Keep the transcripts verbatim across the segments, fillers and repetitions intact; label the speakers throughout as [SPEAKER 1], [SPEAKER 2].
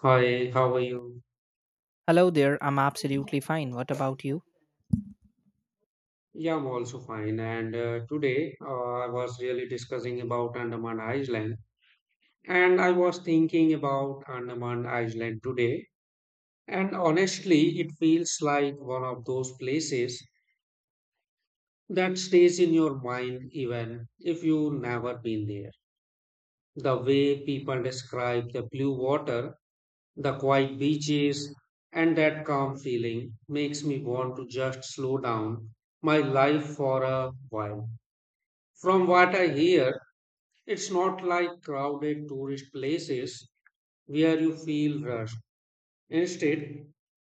[SPEAKER 1] Hi, how are you?
[SPEAKER 2] Hello there, I'm absolutely fine. What about you?
[SPEAKER 1] Yeah, I'm also fine. And uh, today uh, I was really discussing about Andaman Island, and I was thinking about Andaman Island today. And honestly, it feels like one of those places that stays in your mind even if you never been there. The way people describe the blue water, the quiet beaches, and that calm feeling makes me want to just slow down my life for a while. From what I hear, it's not like crowded tourist places where you feel rushed. Instead,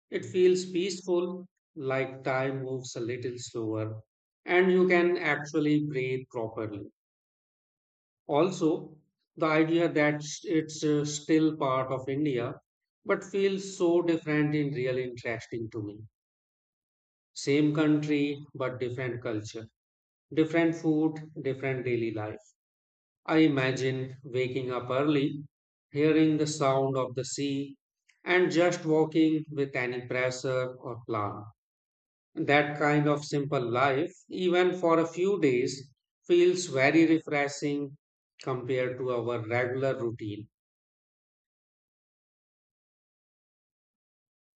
[SPEAKER 1] it feels peaceful, like time moves a little slower, and you can actually breathe properly. Also, the idea that s- it's uh, still part of India, but feels so different in real interesting to me. Same country, but different culture, different food, different daily life. I imagine waking up early, hearing the sound of the sea, and just walking with any pressure or plan. That kind of simple life, even for a few days, feels very refreshing compared to our regular routine.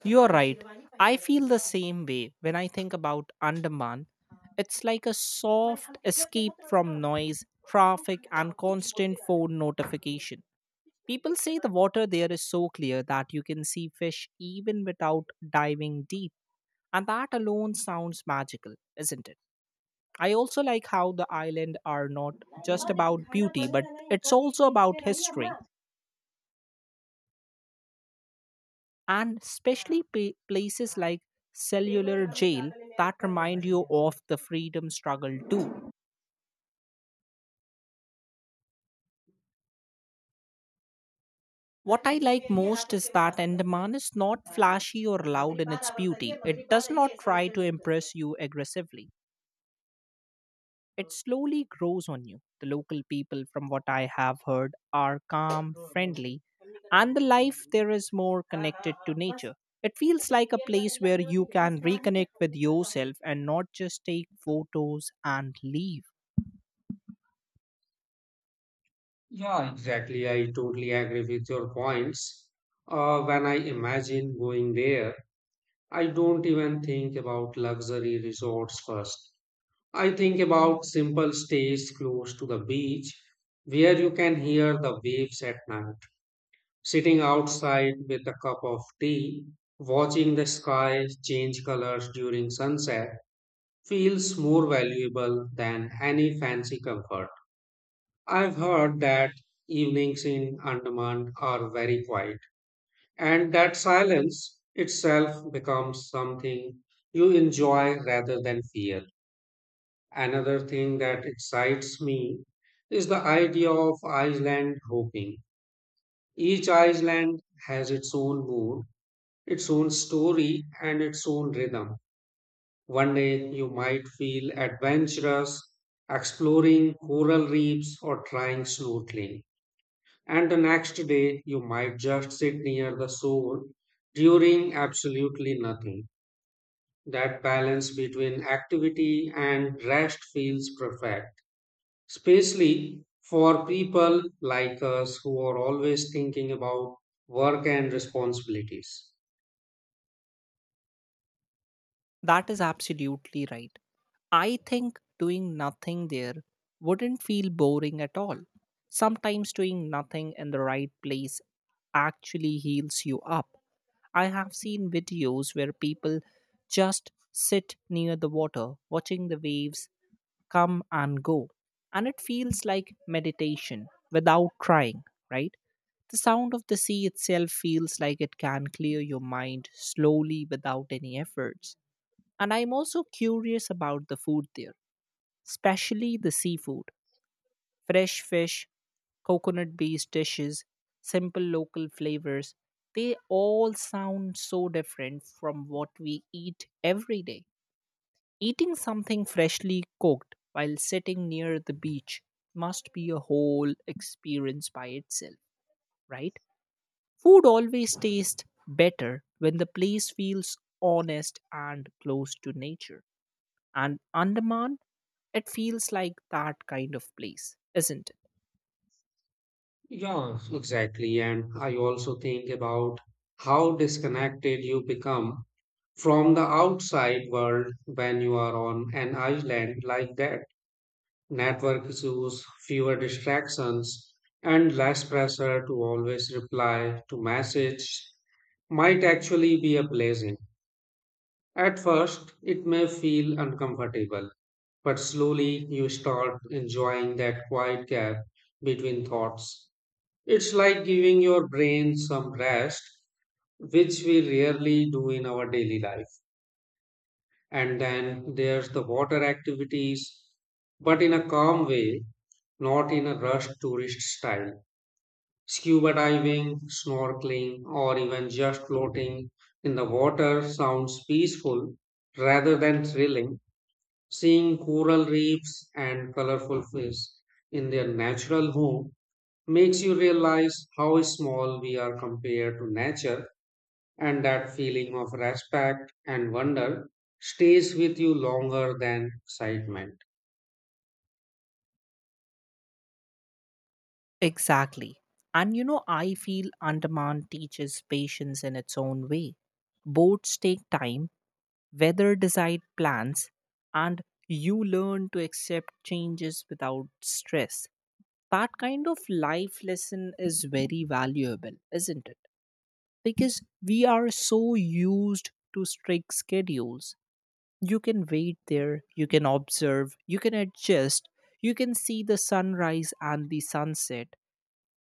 [SPEAKER 2] You're right. I feel the same way when I think about Andaman. It's like a soft escape from noise, traffic, and constant phone notification. People say the water there is so clear that you can see fish even without diving deep, and that alone sounds magical, isn't it? I also like how the island are not just about beauty, but it's also about history and especially pa- places like cellular jail that remind you of the freedom struggle too. What I like most is that Andaman is not flashy or loud in its beauty. It does not try to impress you aggressively. It slowly grows on you. The local people, from what I have heard, are calm, friendly, and the life there is more connected to nature. It feels like a place where you can reconnect with yourself and not just take photos and leave.
[SPEAKER 1] Yeah, exactly. I totally agree with your points. Uh, when I imagine going there, I don't even think about luxury resorts first. I think about simple stays close to the beach where you can hear the waves at night, sitting outside with a cup of tea, watching the sky change colors during sunset feels more valuable than any fancy comfort. I've heard that evenings in Andaman are very quiet and that silence itself becomes something you enjoy rather than fear. Another thing that excites me is the idea of island hopping. Each island has its own mood, its own story, and its own rhythm. One day you might feel adventurous, exploring coral reefs or trying snorkeling. And the next day you might just sit near the shore during absolutely nothing. That balance between activity and rest feels perfect, especially for people like us who are always thinking about work and responsibilities.
[SPEAKER 2] That is absolutely right. I think doing nothing there wouldn't feel boring at all. Sometimes doing nothing in the right place actually heals you up. I have seen videos where people just sit near the water, watching the waves come and go. And it feels like meditation without trying, right? The sound of the sea itself feels like it can clear your mind slowly without any efforts. And I'm also curious about the food there, especially the seafood. Fresh fish, coconut based dishes, simple local flavors, they all sound so different from what we eat every day. Eating something freshly cooked while sitting near the beach must be a whole experience by itself, right? Food always tastes better when the place feels honest and close to nature. And Andaman, it feels like that kind of place, isn't it?
[SPEAKER 1] Yeah, exactly. And I also think about how disconnected you become from the outside world when you are on an island like that. Network issues, fewer distractions, and less pressure to always reply to message might actually be a blessing. At first, it may feel uncomfortable, but slowly you start enjoying that quiet gap between thoughts. It's like giving your brain some rest, which we rarely do in our daily life. And then there's the water activities, but in a calm way, not in a rushed tourist style. Scuba diving, snorkeling, or even just floating in the water sounds peaceful rather than thrilling. Seeing coral reefs and colorful fish in their natural home makes you realize how small we are compared to nature, and that feeling of respect and wonder stays with you longer than excitement.
[SPEAKER 2] Exactly. And you know, I feel Andaman teaches patience in its own way. Boats take time, weather decide plans, and you learn to accept changes without stress. That kind of life lesson is very valuable, isn't it? Because we are so used to strict schedules. You can wait there, you can observe, you can adjust. You can see the sunrise and the sunset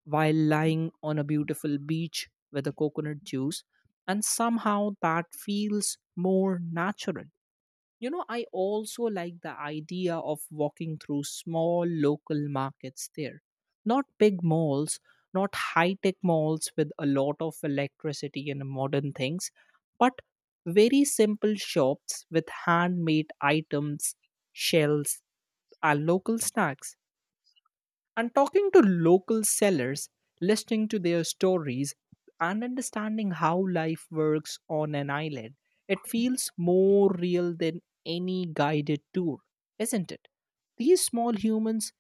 [SPEAKER 2] while lying on a beautiful beach with a coconut juice, and somehow that feels more natural. You know, I also like the idea of walking through small local markets there. Not big malls, not high tech malls with a lot of electricity and modern things, but very simple shops with handmade items, shells, and local snacks, and talking to local sellers, listening to their stories, and understanding how life works on an island. It feels more real than any guided tour, isn't it? These small humans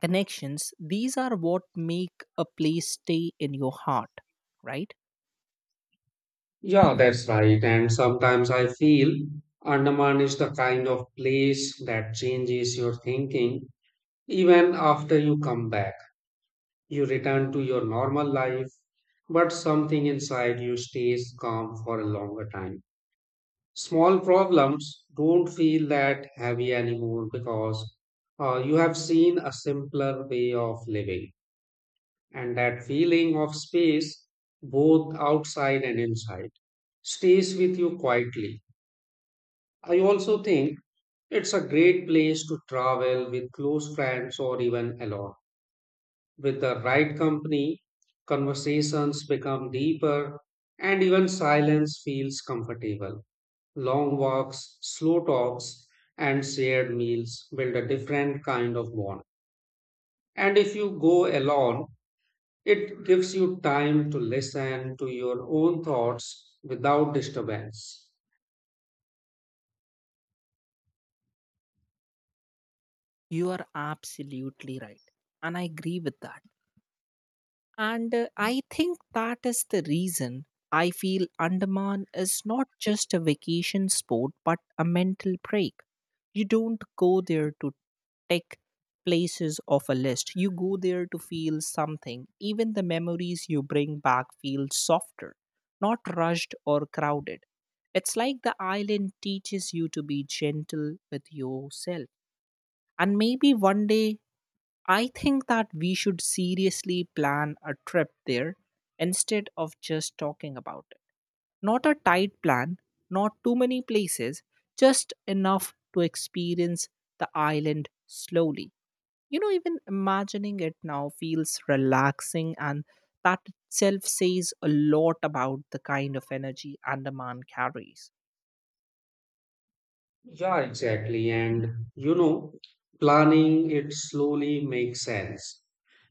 [SPEAKER 2] connections, these are what make a place stay in your heart, right?
[SPEAKER 1] Yeah, that's right. And sometimes I feel Andaman is the kind of place that changes your thinking even after you come back. You return to your normal life, but something inside you stays calm for a longer time. Small problems don't feel that heavy anymore because uh, you have seen a simpler way of living. And that feeling of space, both outside and inside, stays with you quietly. I also think it's a great place to travel with close friends or even alone. With the right company, conversations become deeper and even silence feels comfortable. Long walks, slow talks, and shared meals build a different kind of bond. And if you go alone, it gives you time to listen to your own thoughts without disturbance.
[SPEAKER 2] You are absolutely right. And I agree with that. And uh, I think that is the reason I feel Andaman is not just a vacation spot but a mental break. You don't go there to take places off a list. You go there to feel something. Even the memories you bring back feel softer, not rushed or crowded. It's like the island teaches you to be gentle with yourself. And maybe one day I think that we should seriously plan a trip there instead of just talking about it. Not a tight plan, not too many places, just enough to experience the island slowly. You know, even imagining it now feels relaxing, and that itself says a lot about the kind of energy Andaman carries.
[SPEAKER 1] Yeah, exactly. And you know, planning it slowly makes sense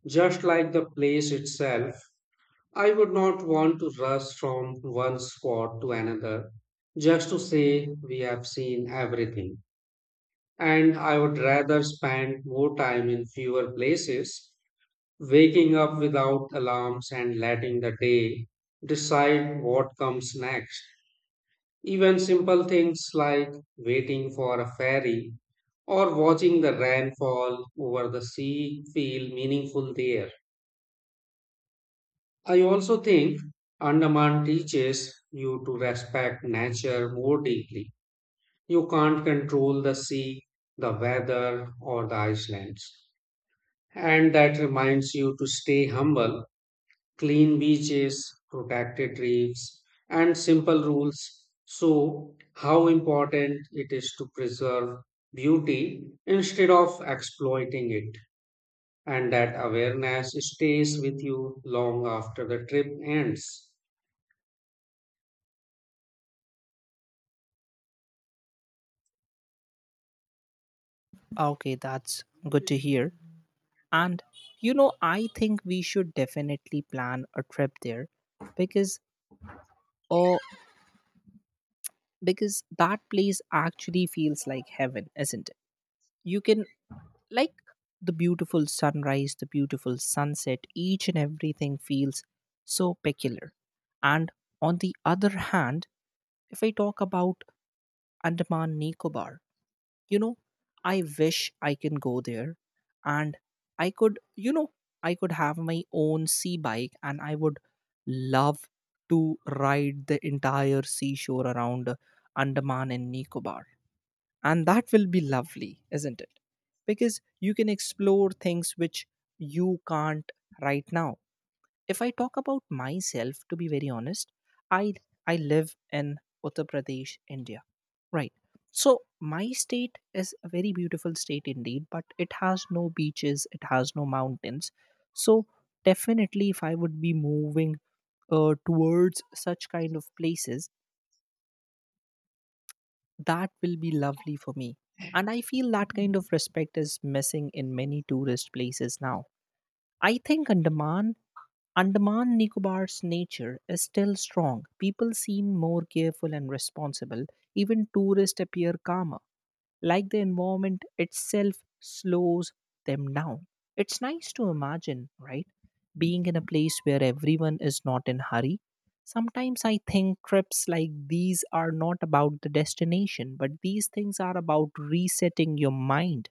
[SPEAKER 1] just like the place itself. I would not want to rush from one spot to another just to say we have seen everything. And I would rather spend more time in fewer places, waking up without alarms and letting the day decide what comes next. Even simple things like waiting for a ferry or watching the rainfall over the sea feel meaningful there. I also think Andaman teaches you to respect nature more deeply. You can't control the sea, the weather, or the islands. And that reminds you to stay humble, clean beaches, protected reefs, and simple rules. So, how important it is to preserve beauty instead of exploiting it. And that awareness stays with you long after the trip ends.
[SPEAKER 2] Okay, that's good to hear. And you know, I think we should definitely plan a trip there because, or because that place actually feels like heaven, isn't it? You can, like, the beautiful sunrise, the beautiful sunset, each and everything feels so peculiar. And on the other hand, if I talk about Andaman Nicobar, you know, I wish I can go there, and I could, you know, I could have my own sea bike, and I would love to ride the entire seashore around uh, Andaman and Nicobar, and that will be lovely, isn't it? Because you can explore things which you can't right now. If I talk about myself, to be very honest, I I live in Uttar Pradesh, India. Right. So my state is a very beautiful state indeed, but it has no beaches, it has no mountains. So definitely, if I would be moving uh, towards such kind of places, that will be lovely for me. And I feel that kind of respect is missing in many tourist places now. I think Andaman Andaman Nicobar's nature is still strong. People seem more careful and responsible. Even tourists appear calmer, like the environment itself slows them down. It's nice to imagine, right? Being in a place where everyone is not in hurry. Sometimes I think trips like these are not about the destination, but these things are about resetting your mind.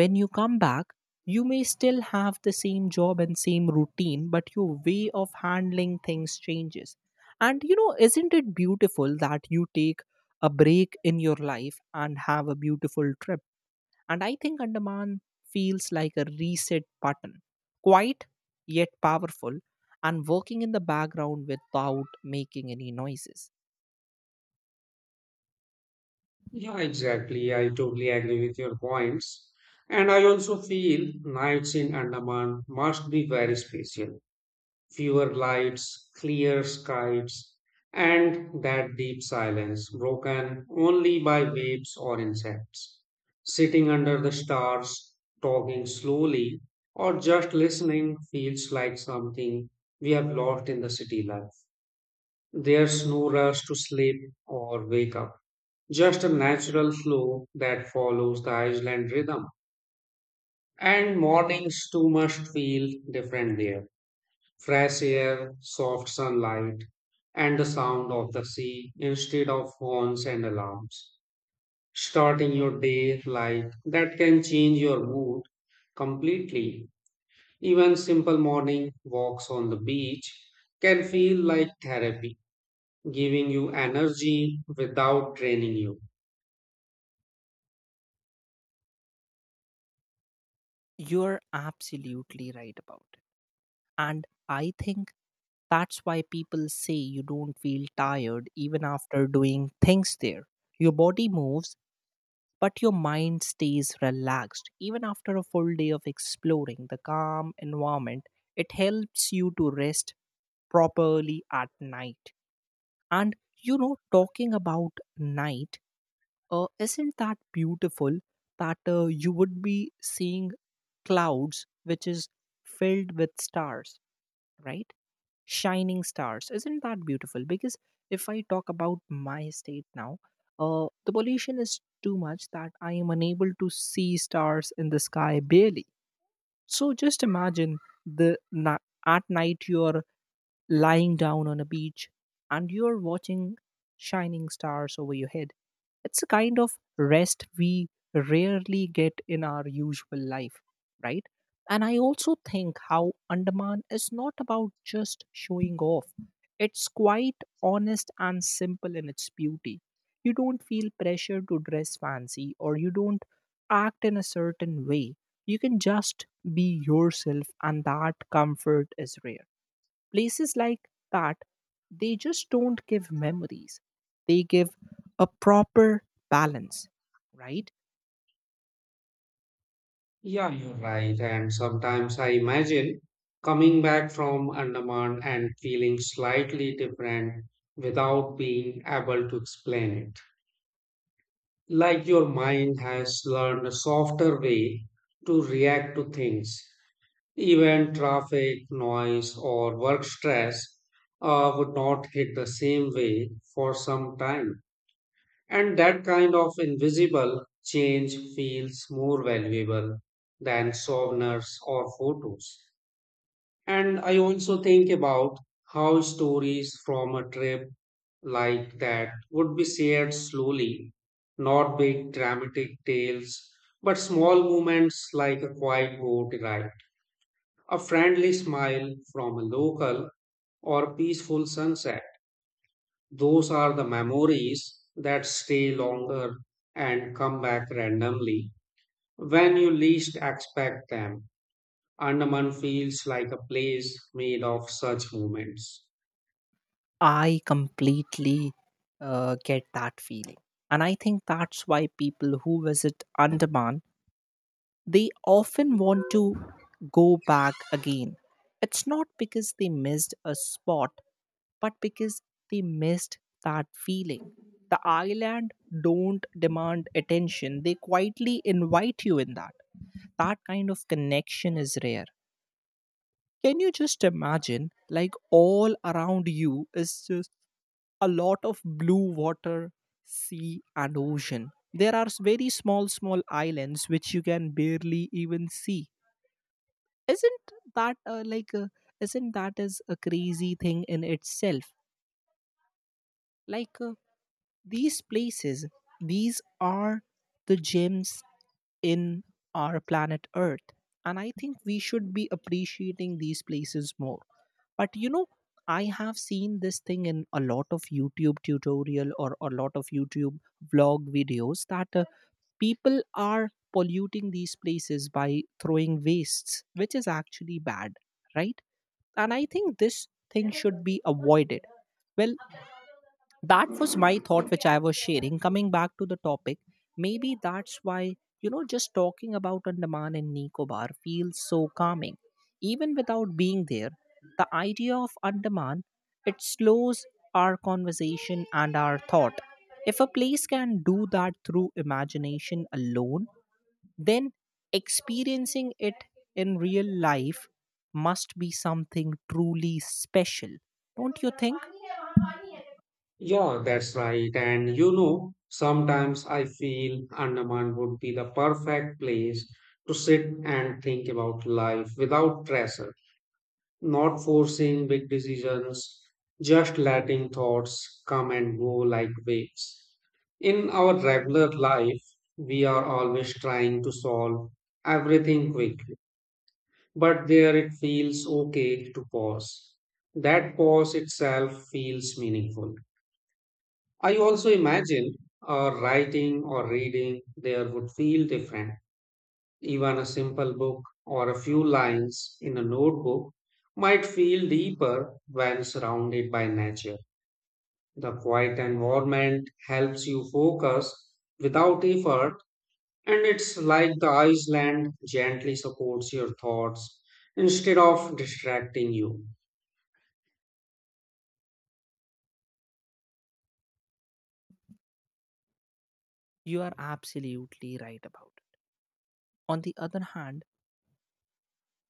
[SPEAKER 2] When you come back, you may still have the same job and same routine, but your way of handling things changes. And you know, isn't it beautiful that you take a break in your life and have a beautiful trip? And I think Andaman feels like a reset button, quiet yet powerful, and working in the background without making any noises.
[SPEAKER 1] Yeah, exactly. I totally agree with your points. And I also feel nights in Andaman must be very special. Fewer lights, clear skies, and that deep silence broken only by waves or insects. Sitting under the stars, talking slowly, or just listening feels like something we have lost in the city life. There's no rush to sleep or wake up, just a natural flow that follows the island rhythm. And mornings too must feel different there. Fresh air, soft sunlight, and the sound of the sea instead of horns and alarms. Starting your day like that can change your mood completely. Even simple morning walks on the beach can feel like therapy, giving you energy without draining you.
[SPEAKER 2] You're absolutely right about it. And I think that's why people say you don't feel tired even after doing things there. Your body moves, but your mind stays relaxed. Even after a full day of exploring, the calm environment, it helps you to rest properly at night. And you know, talking about night, uh, isn't that beautiful that uh, you would be seeing clouds which is filled with stars, right? Shining stars. Isn't that beautiful? Because if I talk about my state now, uh, the pollution is too much that I am unable to see stars in the sky barely. So just imagine the na- at night you're lying down on a beach, and you're watching shining stars over your head. It's a kind of rest we rarely get in our usual life, right? And I also think how Andaman is not about just showing off. It's quite honest and simple in its beauty. You don't feel pressure to dress fancy or you don't act in a certain way. You can just be yourself, and that comfort is rare. Places like that, they just don't give memories, they give a proper balance, right?
[SPEAKER 1] Yeah, you're right. And sometimes I imagine coming back from Andaman and feeling slightly different without being able to explain it. Like your mind has learned a softer way to react to things. Even traffic, noise, or work stress uh, would not hit the same way for some time. And that kind of invisible change feels more valuable than souvenirs or photos. And I also think about how stories from a trip like that would be shared slowly, not big dramatic tales, but small moments like a quiet boat ride, a friendly smile from a local, or peaceful sunset. Those are the memories that stay longer and come back randomly when you least expect them. Andaman feels like a place made of such moments.
[SPEAKER 2] I completely uh, get that feeling. And I think that's why people who visit Andaman, they often want to go back again. It's not because they missed a spot, but because they missed that feeling. The island don't demand attention, they quietly invite you in. That that kind of connection is rare. Can you just imagine, like, all around you is just a lot of blue water, sea, and ocean? There are s- very small small islands which you can barely even see. Isn't that, uh, like uh, isn't that is a crazy thing in itself, like uh, these places, these are the gems in our planet Earth. And I think we should be appreciating these places more. But you know, I have seen this thing in a lot of YouTube tutorial or a lot of YouTube vlog videos that uh, people are polluting these places by throwing wastes, which is actually bad, right? And I think this thing should be avoided. Well, that was my thought which I was sharing. Coming back to the topic, maybe that's why, you know, just talking about Andaman and Nicobar feels so calming even without being there. The idea of Andaman, it slows our conversation and our thought. If a place can do that through imagination alone, then experiencing it in real life must be something truly special, don't you think?
[SPEAKER 1] Yeah, that's right. And you know, sometimes I feel Andaman would be the perfect place to sit and think about life without pressure, not forcing big decisions, just letting thoughts come and go like waves. In our regular life, we are always trying to solve everything quickly, but there it feels okay to pause. That pause itself feels meaningful. I also imagine uh, writing or reading there would feel different, even a simple book or a few lines in a notebook might feel deeper when surrounded by nature. The quiet environment helps you focus without effort, and it's like the Iceland gently supports your thoughts instead of distracting you.
[SPEAKER 2] You are absolutely right about. On the other hand,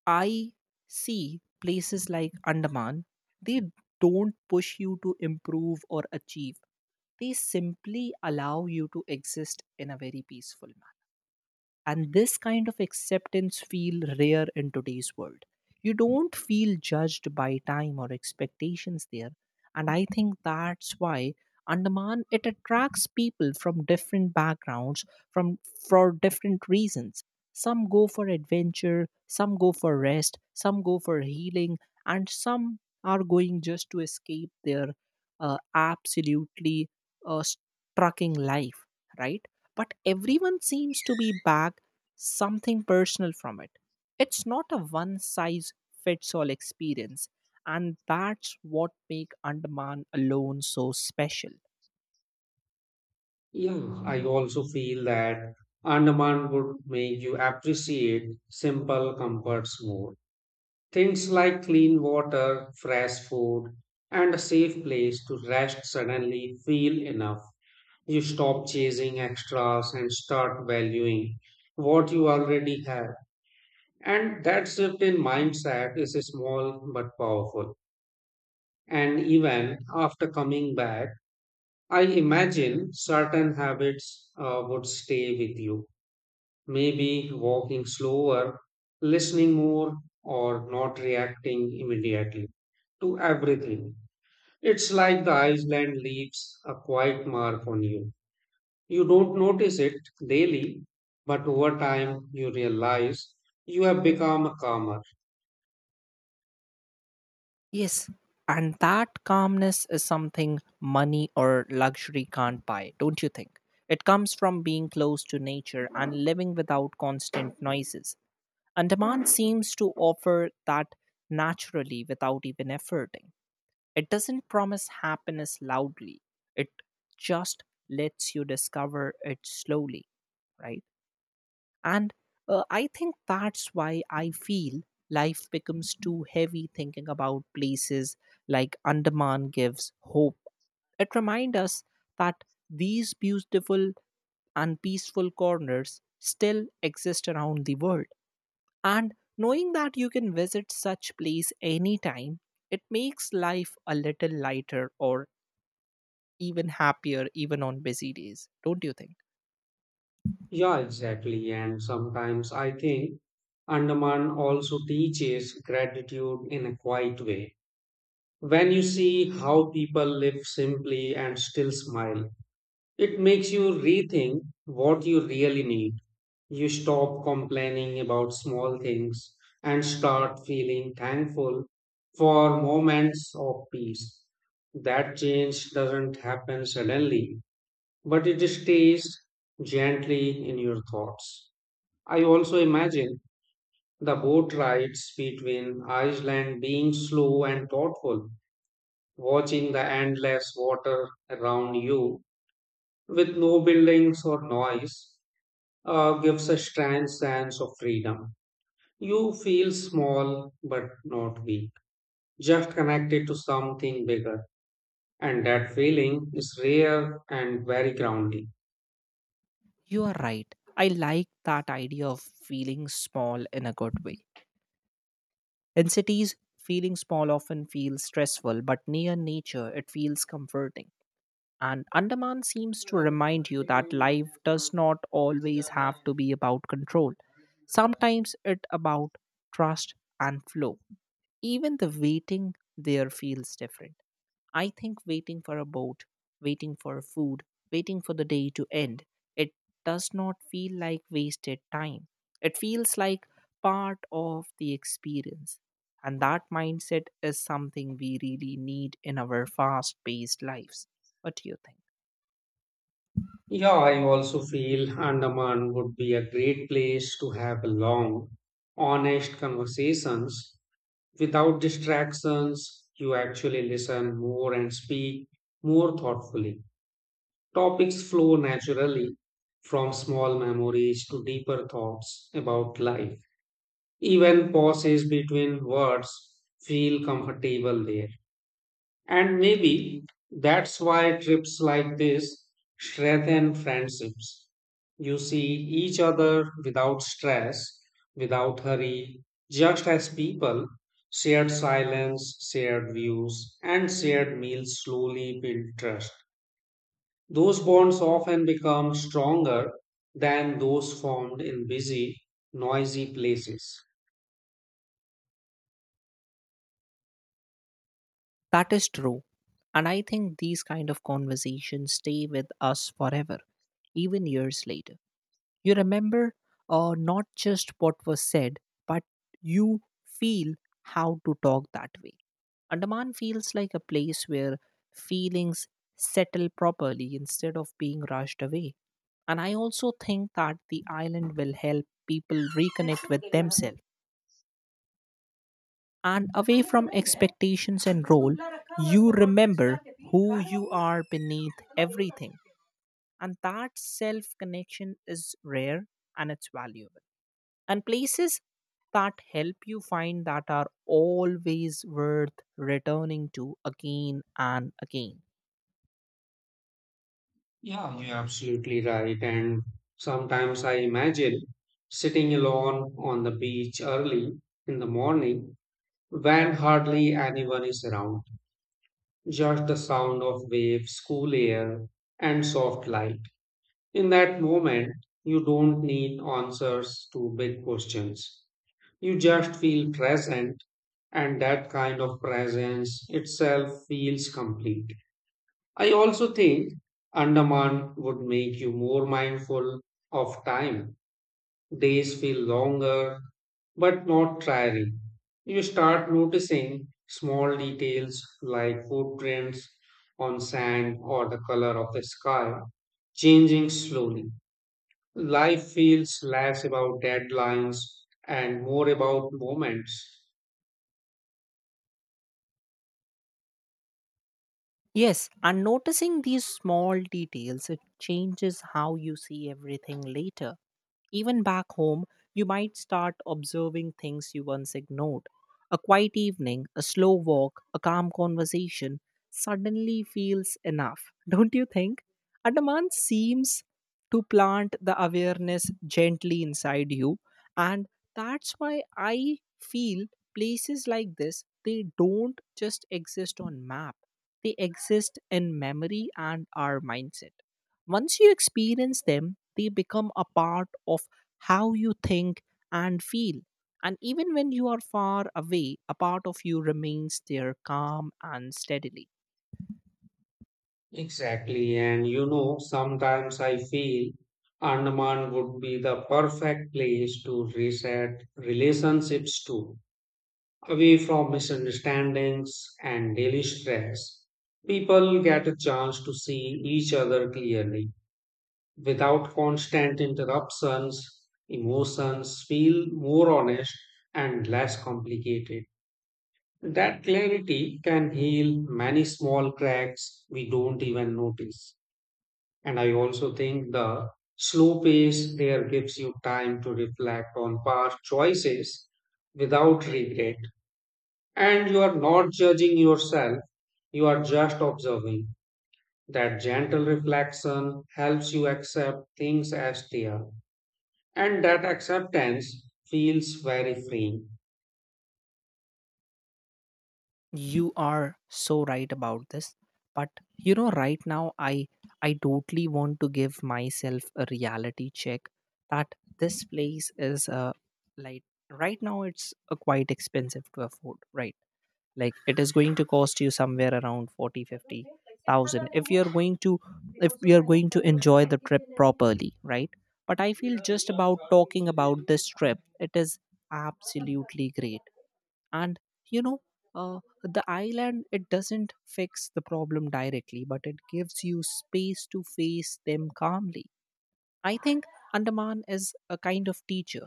[SPEAKER 2] I see places like Andaman, they don't push you to improve or achieve. They simply allow you to exist in a very peaceful manner. And this kind of acceptance feel rare in today's world. You don't feel judged by time or expectations there. And I think that's why Andaman, it attracts people from different backgrounds, from for different reasons. Some go for adventure, some go for rest, some go for healing, and some are going just to escape their uh, absolutely uh, trucking life, right? But everyone seems to be back something personal from it. It's not a one size fits all experience, and that's what make Andaman alone so special.
[SPEAKER 1] Yeah, I also feel that Andaman would make you appreciate simple comforts more. Things like clean water, fresh food, and a safe place to rest suddenly feel enough. You stop chasing extras and start valuing what you already have. And that shift in mindset is small but powerful. And even after coming back, I imagine certain habits uh, would stay with you, maybe walking slower, listening more, or not reacting immediately to everything. It's like the island leaves a quiet mark on you. You don't notice it daily, but over time you realize you have become calmer.
[SPEAKER 2] Yes, and that calmness is something money or luxury can't buy, don't you think? It comes from being close to nature and living without constant noises. Andaman seems to offer that naturally without even efforting. It doesn't promise happiness loudly, it just lets you discover it slowly, right? And uh, I think that's why I feel life becomes too heavy. Thinking about places like Andaman gives hope. It reminds us that these beautiful and peaceful corners still exist around the world. And knowing that you can visit such place anytime, it makes life a little lighter or even happier even on busy days don't you think
[SPEAKER 1] Yeah, exactly. And sometimes I think Andaman also teaches gratitude in a quiet way. When you see how people live simply and still smile, it makes you rethink what you really need. You stop complaining about small things and start feeling thankful for moments of peace. That change doesn't happen suddenly, but it stays gently in your thoughts. I also imagine the boat rides between Iceland being slow and thoughtful, watching the endless water around you with no buildings or noise uh, gives a strange sense of freedom. You feel small but not weak, just connected to something bigger. And that feeling is rare and very grounding.
[SPEAKER 2] You are right, I like that idea of feeling small in a good way. In cities, feeling small often feels stressful, but near nature it feels comforting. And Andaman seems to remind you that life does not always have to be about control. Sometimes it about trust and flow. Even the waiting there feels different. I think waiting for a boat, waiting for food, waiting for the day to end, it does not feel like wasted time. It feels like part of the experience. And that mindset is something we really need in our fast paced lives. What do you think?
[SPEAKER 1] Yeah, I also feel Andaman would be a great place to have long, honest conversations without distractions. You actually listen more and speak more thoughtfully. Topics flow naturally from small memories to deeper thoughts about life. Even pauses between words feel comfortable there. And maybe that's why trips like this strengthen friendships. You see each other without stress, without hurry, just as people. Shared silence, shared views, and shared meals slowly build trust. Those bonds often become stronger than those formed in busy, noisy places.
[SPEAKER 2] That is true. And I think these kind of conversations stay with us forever, even years later. You remember uh, not just what was said, but you feel how to talk that way. Andaman feels like a place where feelings settle properly instead of being rushed away. And I also think that the island will help people reconnect with themselves. And away from expectations and role, you remember who you are beneath everything. And that self connection is rare and it's valuable. And places that help you find that are always worth returning to again and again.
[SPEAKER 1] Yeah, you're absolutely right. And sometimes I imagine sitting alone on the beach early in the morning when hardly anyone is around, just the sound of waves, cool air, and soft light. In that moment, you don't need answers to big questions. You just feel present, and that kind of presence itself feels complete. I also think Andaman would make you more mindful of time. Days feel longer, but not tiring. You start noticing small details like footprints on sand or the color of the sky changing slowly. Life feels less about deadlines and more about moments.
[SPEAKER 2] Yes, and noticing these small details, it changes how you see everything later. Even back home, you might start observing things you once ignored. A quiet evening, a slow walk, a calm conversation suddenly feels enough, don't you think? Andaman seems to plant the awareness gently inside you, and that's why I feel places like this they don't just exist on map. They exist in memory and our mindset. Once you experience them, they become a part of how you think and feel. And even when you are far away, a part of you remains there calm and steadily.
[SPEAKER 1] Exactly. And you know, sometimes I feel Andaman would be the perfect place to reset relationships to, away from misunderstandings and daily stress. People get a chance to see each other clearly without constant interruptions. Emotions feel more honest and less complicated. That clarity can heal many small cracks we don't even notice. And I also think the slow pace there gives you time to reflect on past choices without regret. And you are not judging yourself, you are just observing. That gentle reflection helps you accept things as they are. And that acceptance feels very freeing.
[SPEAKER 2] You are so right about this. But you know, right now, i i totally want to give myself a reality check that this place is uh, like right now it's uh, quite expensive to afford, right? Like it is going to cost you somewhere around forty fifty thousand if you're going to if you're going to enjoy the trip properly, right? But I feel just about talking about this trip, it is absolutely great. And you know, uh, the island, it doesn't fix the problem directly, but it gives you space to face them calmly. I think Andaman is a kind of teacher,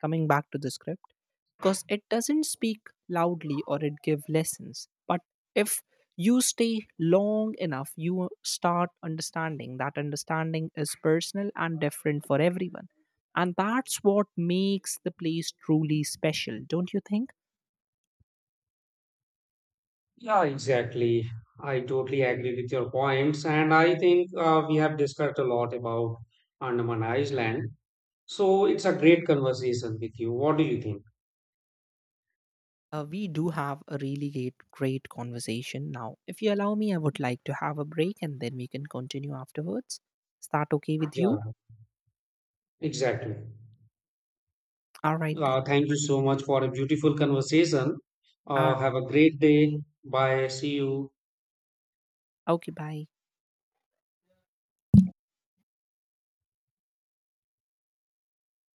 [SPEAKER 2] coming back to the script, because it doesn't speak loudly or it give lessons. But if you stay long enough, you start understanding that understanding is personal and different for everyone. And that's what makes the place truly special don't you think
[SPEAKER 1] Yeah, exactly. I totally agree with your points. And I think uh, we have discussed a lot about Andaman Island. So it's a great conversation with you. What do you think?
[SPEAKER 2] Uh, we do have a really great, great conversation now. If you allow me, I would like to have a break and then we can continue afterwards. Is that okay with
[SPEAKER 1] Yeah,
[SPEAKER 2] you?
[SPEAKER 1] exactly.
[SPEAKER 2] All right,
[SPEAKER 1] Uh,
[SPEAKER 2] then.
[SPEAKER 1] thank you so much for a beautiful conversation.
[SPEAKER 2] All
[SPEAKER 1] Uh,
[SPEAKER 2] right.
[SPEAKER 1] have a great day. Bye. See you.
[SPEAKER 2] Okay, bye.